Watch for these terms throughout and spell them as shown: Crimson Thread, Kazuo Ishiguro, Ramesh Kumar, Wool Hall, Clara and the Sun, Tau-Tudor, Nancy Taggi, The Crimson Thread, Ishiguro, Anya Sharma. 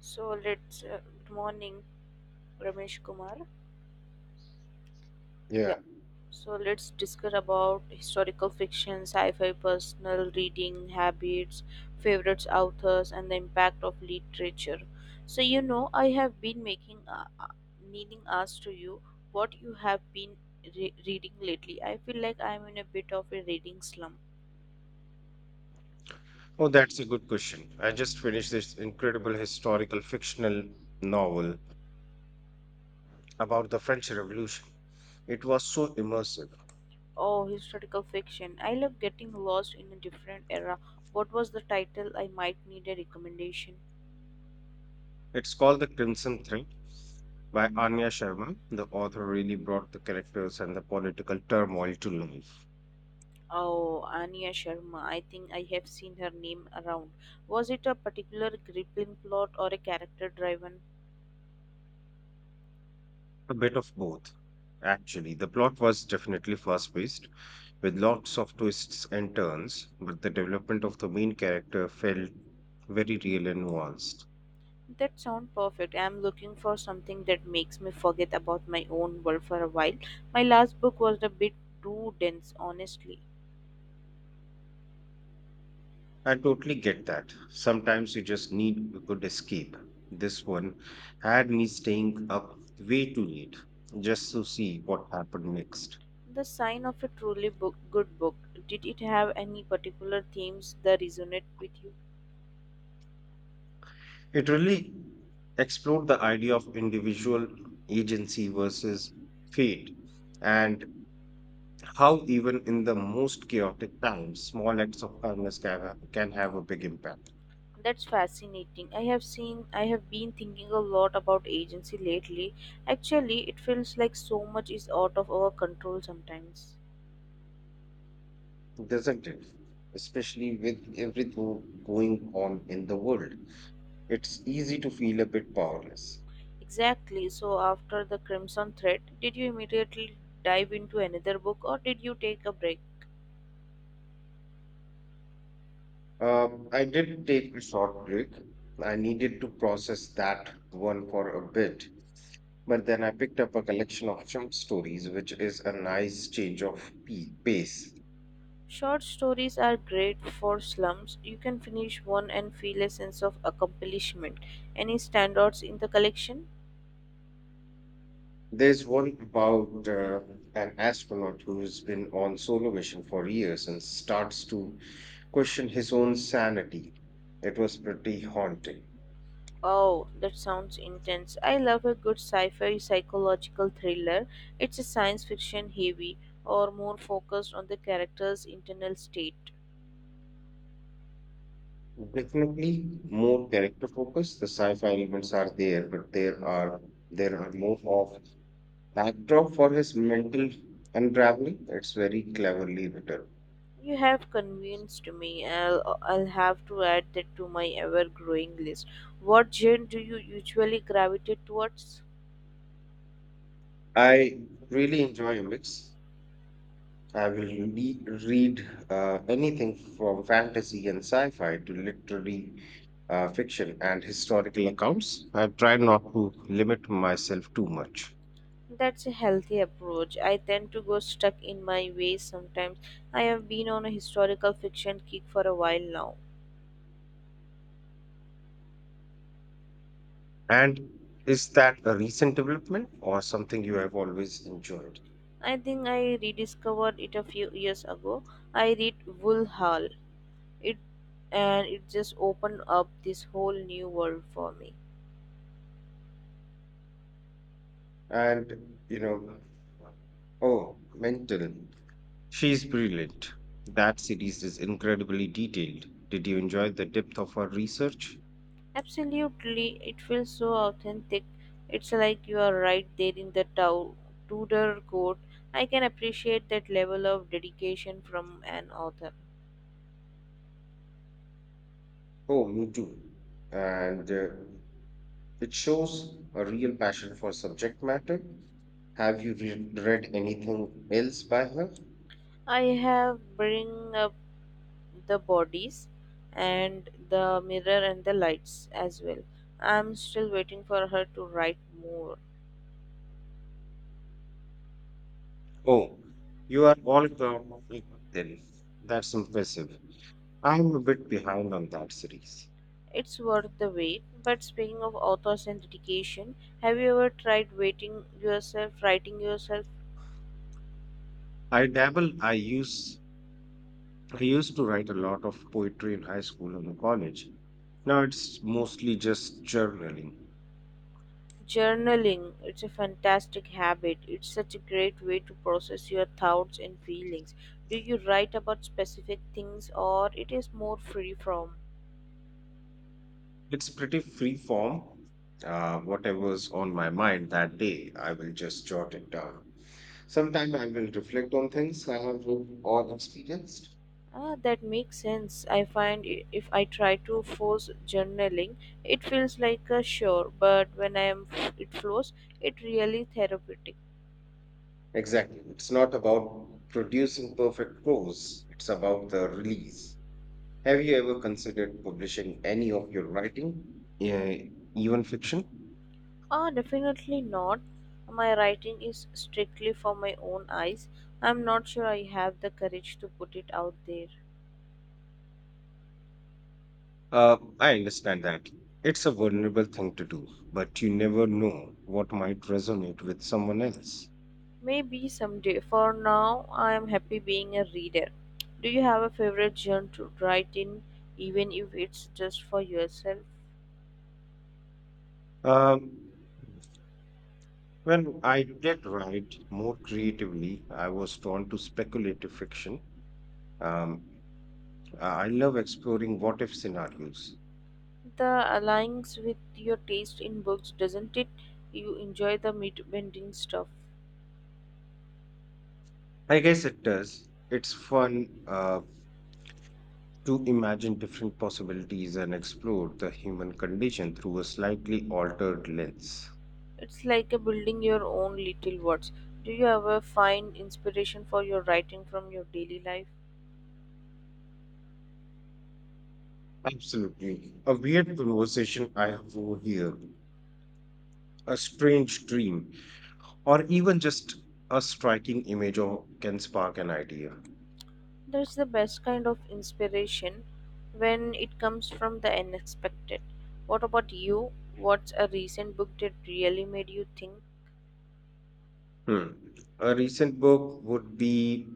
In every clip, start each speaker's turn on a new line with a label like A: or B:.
A: So let's good morning, Ramesh Kumar. Yeah.
B: Yeah.
A: So let's discuss about historical fiction, sci-fi, personal reading habits, favorites, authors, and the impact of literature. I have been making meaning asked to you what you have been reading lately. I feel like I am in a bit of a reading slump.
B: Oh, that's a good question. I just finished this incredible historical fictional novel about the French Revolution. It was so immersive.
A: Oh, historical fiction. I love getting lost in a different era. What was the title? I might need a recommendation.
B: It's called The Crimson Thread by Anya Sharma. The author really brought the characters and the political turmoil to life.
A: Oh, Anya Sharma. I think I have seen her name around. Was it a particular gripping plot or a character driven?
B: A bit of both. Actually, the plot was definitely fast paced with lots of twists and turns, but the development of the main character felt very real and nuanced.
A: That sounds perfect. I am looking for something that makes me forget about my own world for a while. My last book was a bit too dense, honestly.
B: I totally get that. Sometimes you just need a good escape. This one had me staying up way too late just to see what happened next.
A: The sign of a truly book, good book. Did it have any particular themes that resonate with you?
B: It really explored the idea of individual agency versus fate and how, even in the most chaotic times, small acts of kindness can, can have a big impact,
A: That's fascinating. I have been thinking a lot about agency lately. Actually, it feels like so much is out of our control sometimes.
B: doesn't it? Especially with everything going on in the world, it's easy to feel a bit powerless.
A: Exactly. So after the Crimson Thread, did you immediately dive into another book or did you take a break?
B: I did take a short break. I needed to process that one for a bit, but then I picked up a collection of short stories, which is a nice change of pace.
A: Short stories are great for slumps. You can finish one and feel a sense of accomplishment. Any standouts in the collection?
B: There's one about an astronaut who's been on solo mission for years and starts to question his own sanity. It was pretty haunting.
A: Oh, that sounds intense. I love a good sci fi psychological thriller. It's a science fiction heavy or more focused on the character's internal state.
B: Definitely more character focus. The sci-fi elements are there, but there are more of backdrop for his mental unraveling. That's very cleverly written.
A: You have convinced me. I'll have to add that to my ever growing list. What genre do you usually gravitate towards?
B: I really enjoy a mix. I will read anything from fantasy and sci fi to literary fiction and historical accounts. I try not to limit myself too much.
A: That's a healthy approach. I tend to go stuck in my ways sometimes. I have been on a historical fiction kick for a while now.
B: And is that a recent development or something you have always enjoyed?
A: I think I rediscovered it a few years ago. I read Wool Hall. It and it just opened up this whole new world for me.
B: And, you know, oh, mental. She's brilliant. That series is incredibly detailed. Did you enjoy the depth of her research?
A: Absolutely, it feels so authentic. It's like you are right there in the Tudor court. I can appreciate that level of dedication from an author.
B: Oh, me too. And it shows a real passion for subject matter. Have you read anything else by her?
A: I have bring up the bodies and the mirror and the lights as well. I'm still waiting for her to write more.
B: Oh, you are all grown up then. That's impressive. I'm a bit behind on that series.
A: It's worth the wait. But speaking of authors and dedication, have you ever tried waiting yourself, writing yourself?
B: I dabble. I used to write a lot of poetry in high school and college. Now it's mostly just journaling.
A: Journaling, it's a fantastic habit. It's such a great way to process your thoughts and feelings. Do you write about specific things or it is more free from?
B: It's pretty free form. Whatever's on my mind that day, I will just jot it down. Sometimes I will reflect on things I have read or experienced.
A: Ah, that makes sense. I find if I try to force journaling, it feels like a chore, but when I am it flows, it really therapeutic.
B: Exactly. It's not about producing perfect prose, it's about the release. Have you ever considered publishing any of your writing, eh, even fiction?
A: Ah, definitely not. My writing is strictly for my own eyes. I'm not sure I have the courage to put it out there.
B: I understand that. It's a vulnerable thing to do, but you never know what might resonate with someone else.
A: Maybe someday. For now, I am happy being a reader. Do you have a favorite genre to write in, even if it's just for yourself?
B: Um, Well, I did write more creatively. I was drawn to speculative fiction. Um, I love exploring what if scenarios.
A: The aligns with your taste in books, doesn't it? You enjoy the meat bending stuff.
B: I guess it does. It's fun to imagine different possibilities and explore the human condition through a slightly altered lens.
A: It's like a building your own little words. Do you ever find inspiration for your writing from your daily life?
B: Absolutely. A weird conversation I have over here, a strange dream, or even just a striking image or can spark an idea.
A: That's the best kind of inspiration when it comes from the unexpected. What about you? What's a recent book that really made you think?
B: Hmm. A recent book would be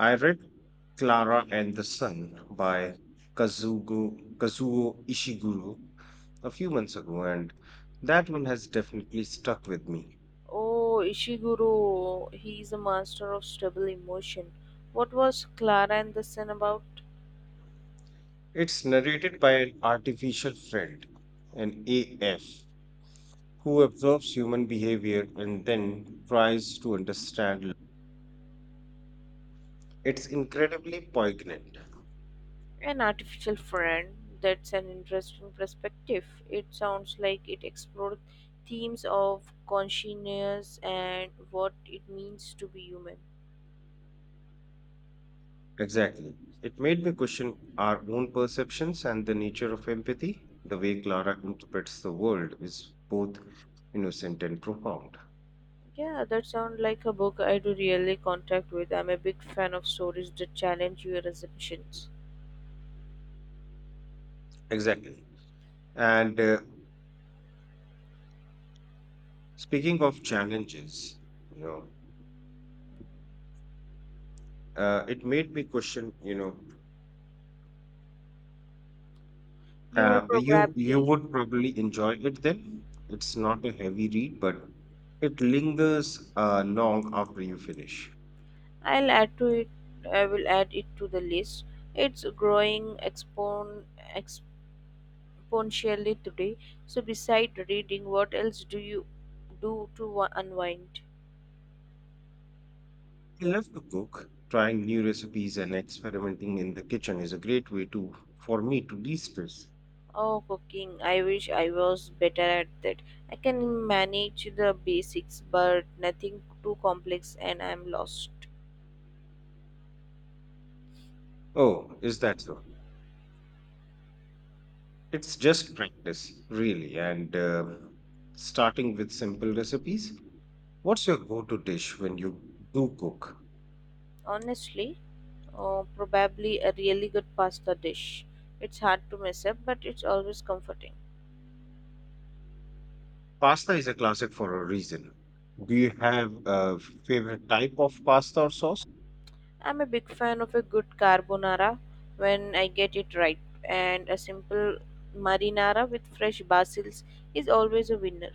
B: I read Clara and the Sun by Kazuo Ishiguro a few months ago, and that one has definitely stuck with me.
A: Oh, Ishiguro, he is a master of stable emotion. What was Clara and the Sun about?
B: It's narrated by an artificial friend, an AF, who observes human behavior and then tries to understand. It's incredibly poignant.
A: An artificial friend. That's an interesting perspective. It sounds like it explored themes of consciousness and what it means to be human.
B: Exactly. It made me question our own perceptions and the nature of empathy. The way Clara interprets the world is both innocent and profound.
A: Yeah, that sounds like a book I do really contact with. I'm a big fan of stories that challenge your assumptions.
B: Exactly. And speaking of challenges, you know, it made me question,
A: You will
B: you
A: probably
B: would probably enjoy it then. It's not a heavy read, but it lingers long after you finish.
A: I'll add to it I will add it to the list. It's growing exponentially today. So beside reading, what else do you do to unwind?
B: I love to cook. Trying new recipes and experimenting in the kitchen is a great way to for me to de-stress.
A: Oh, cooking. I wish I was better at that. I can manage the basics, but nothing too complex and I'm lost.
B: Oh, is that so? It's just practice, really, and starting with simple recipes. What's your go-to dish when you do cook?
A: Honestly, oh, probably a really good pasta dish. It's hard to mess up, but it's always comforting.
B: Pasta is a classic for a reason. Do you have a favorite type of pasta or sauce?
A: I'm a big fan of a good carbonara when I get it right, and a simple marinara with fresh basils is always a winner.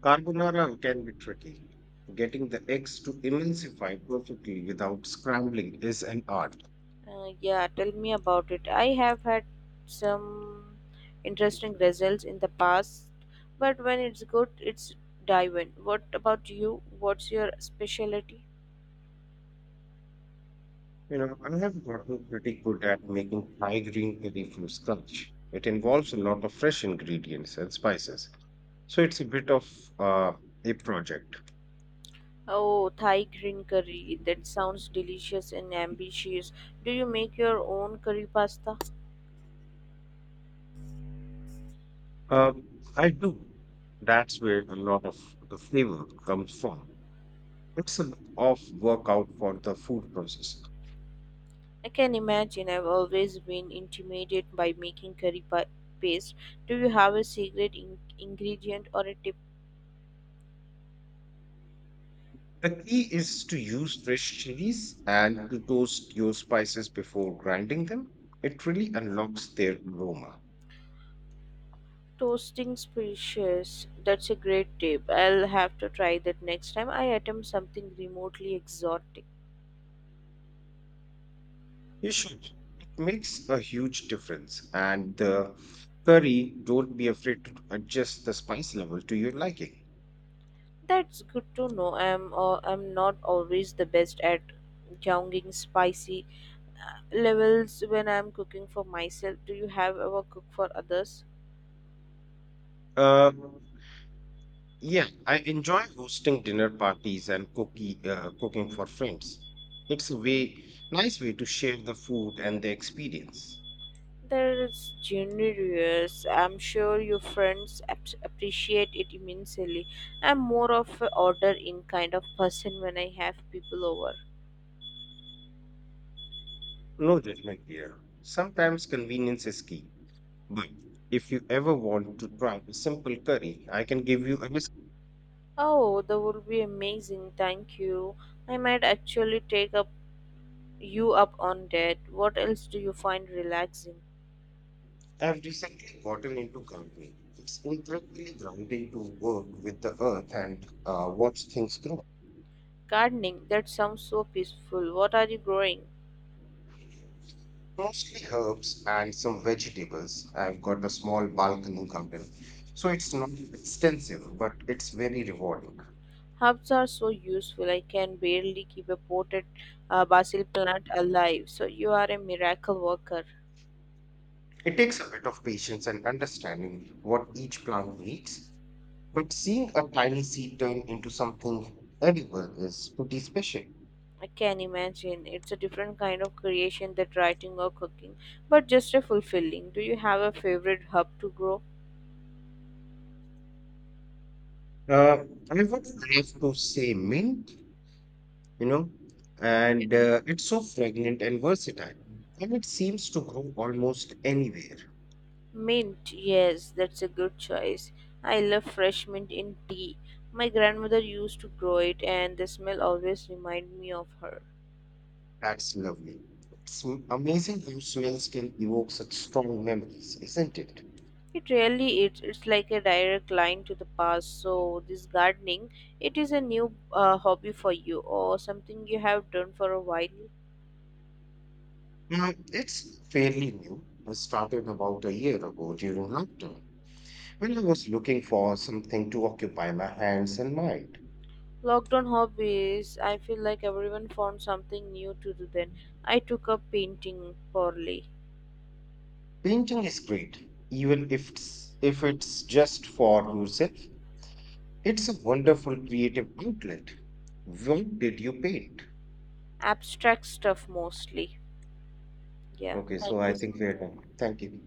B: Carbonara can be tricky. Getting the eggs to emulsify perfectly without scrambling is an art.
A: Yeah, tell me about it. I have had some interesting results in the past, but when it's good, it's divine. What about you? What's your specialty?
B: You know, I have gotten pretty good at making Thai green curry from scratch. It involves a lot of fresh ingredients and spices, so it's a bit of uh, a project.
A: Oh, Thai green curry. That sounds delicious and ambitious. Do you make your own curry pasta?
B: Um, I do. That's where a lot of the flavor comes from. It's a lot of workout for the food process.
A: I can imagine. I've always been intimidated by making paste. Do you have a secret ingredient or a tip?
B: The key is to use fresh chilies and to toast your spices before grinding them. It really unlocks their aroma.
A: Toasting species. That's a great tip. I'll have to try that next time I attempt something remotely exotic.
B: You should. It makes a huge difference. And the curry, don't be afraid to adjust the spice level to your liking.
A: That's good to know. I'm not always the best at younging spicy levels when I'm cooking for myself. Do you have ever cooked for others?
B: Uh, yeah, I enjoy hosting dinner parties and cooking for friends. It's a way, nice way to share the food and the experience.
A: That's generous. I'm sure your friends appreciate it immensely. I'm more of a order in kind of person when I have people over.
B: No judgment here. Sometimes convenience is key. But if you ever want to try a simple curry, I can give you a recipe.
A: Oh, that would be amazing. Thank you. I might actually take up you up on that. What else do you find relaxing?
B: I've recently gotten into gardening. It's incredibly grounding to work with the earth and watch things grow.
A: Gardening. That sounds so peaceful. What are you growing?
B: Mostly herbs and some vegetables. I've got a small balcony garden, so it's not extensive, but it's very rewarding.
A: Herbs are so useful. I can barely keep a potted basil plant alive. So you are a miracle worker.
B: It takes a bit of patience and understanding what each plant needs, but seeing a tiny seed turn into something edible is pretty special.
A: I can imagine. It's a different kind of creation than writing or cooking, but just a fulfilling. Do you have a favorite herb to grow?
B: I would have to say mint, you know, and it's so fragrant and versatile, and it seems to grow almost anywhere.
A: Mint, yes, that's a good choice. I love fresh mint in tea. My grandmother used to grow it, and the smell always reminded me of her.
B: That's lovely. It's amazing how smells can evoke such strong memories, isn't it?
A: It really is. It's like a direct line to the past. So this gardening, it is a new hobby for you or something you have done for a while.
B: Now, it's fairly new. I started about a year ago during lockdown when I was looking for something to occupy my hands and mind.
A: Lockdown hobbies. I feel like everyone found something new to do. Then I took up painting poorly,
B: Painting is great, even if it's just for yourself. It's a wonderful creative outlet. What did you paint?
A: abstract stuff mostly. Yeah.
B: Okay, so
A: Thank
B: I
A: you so
B: think we are
A: much.
B: done. Thank you.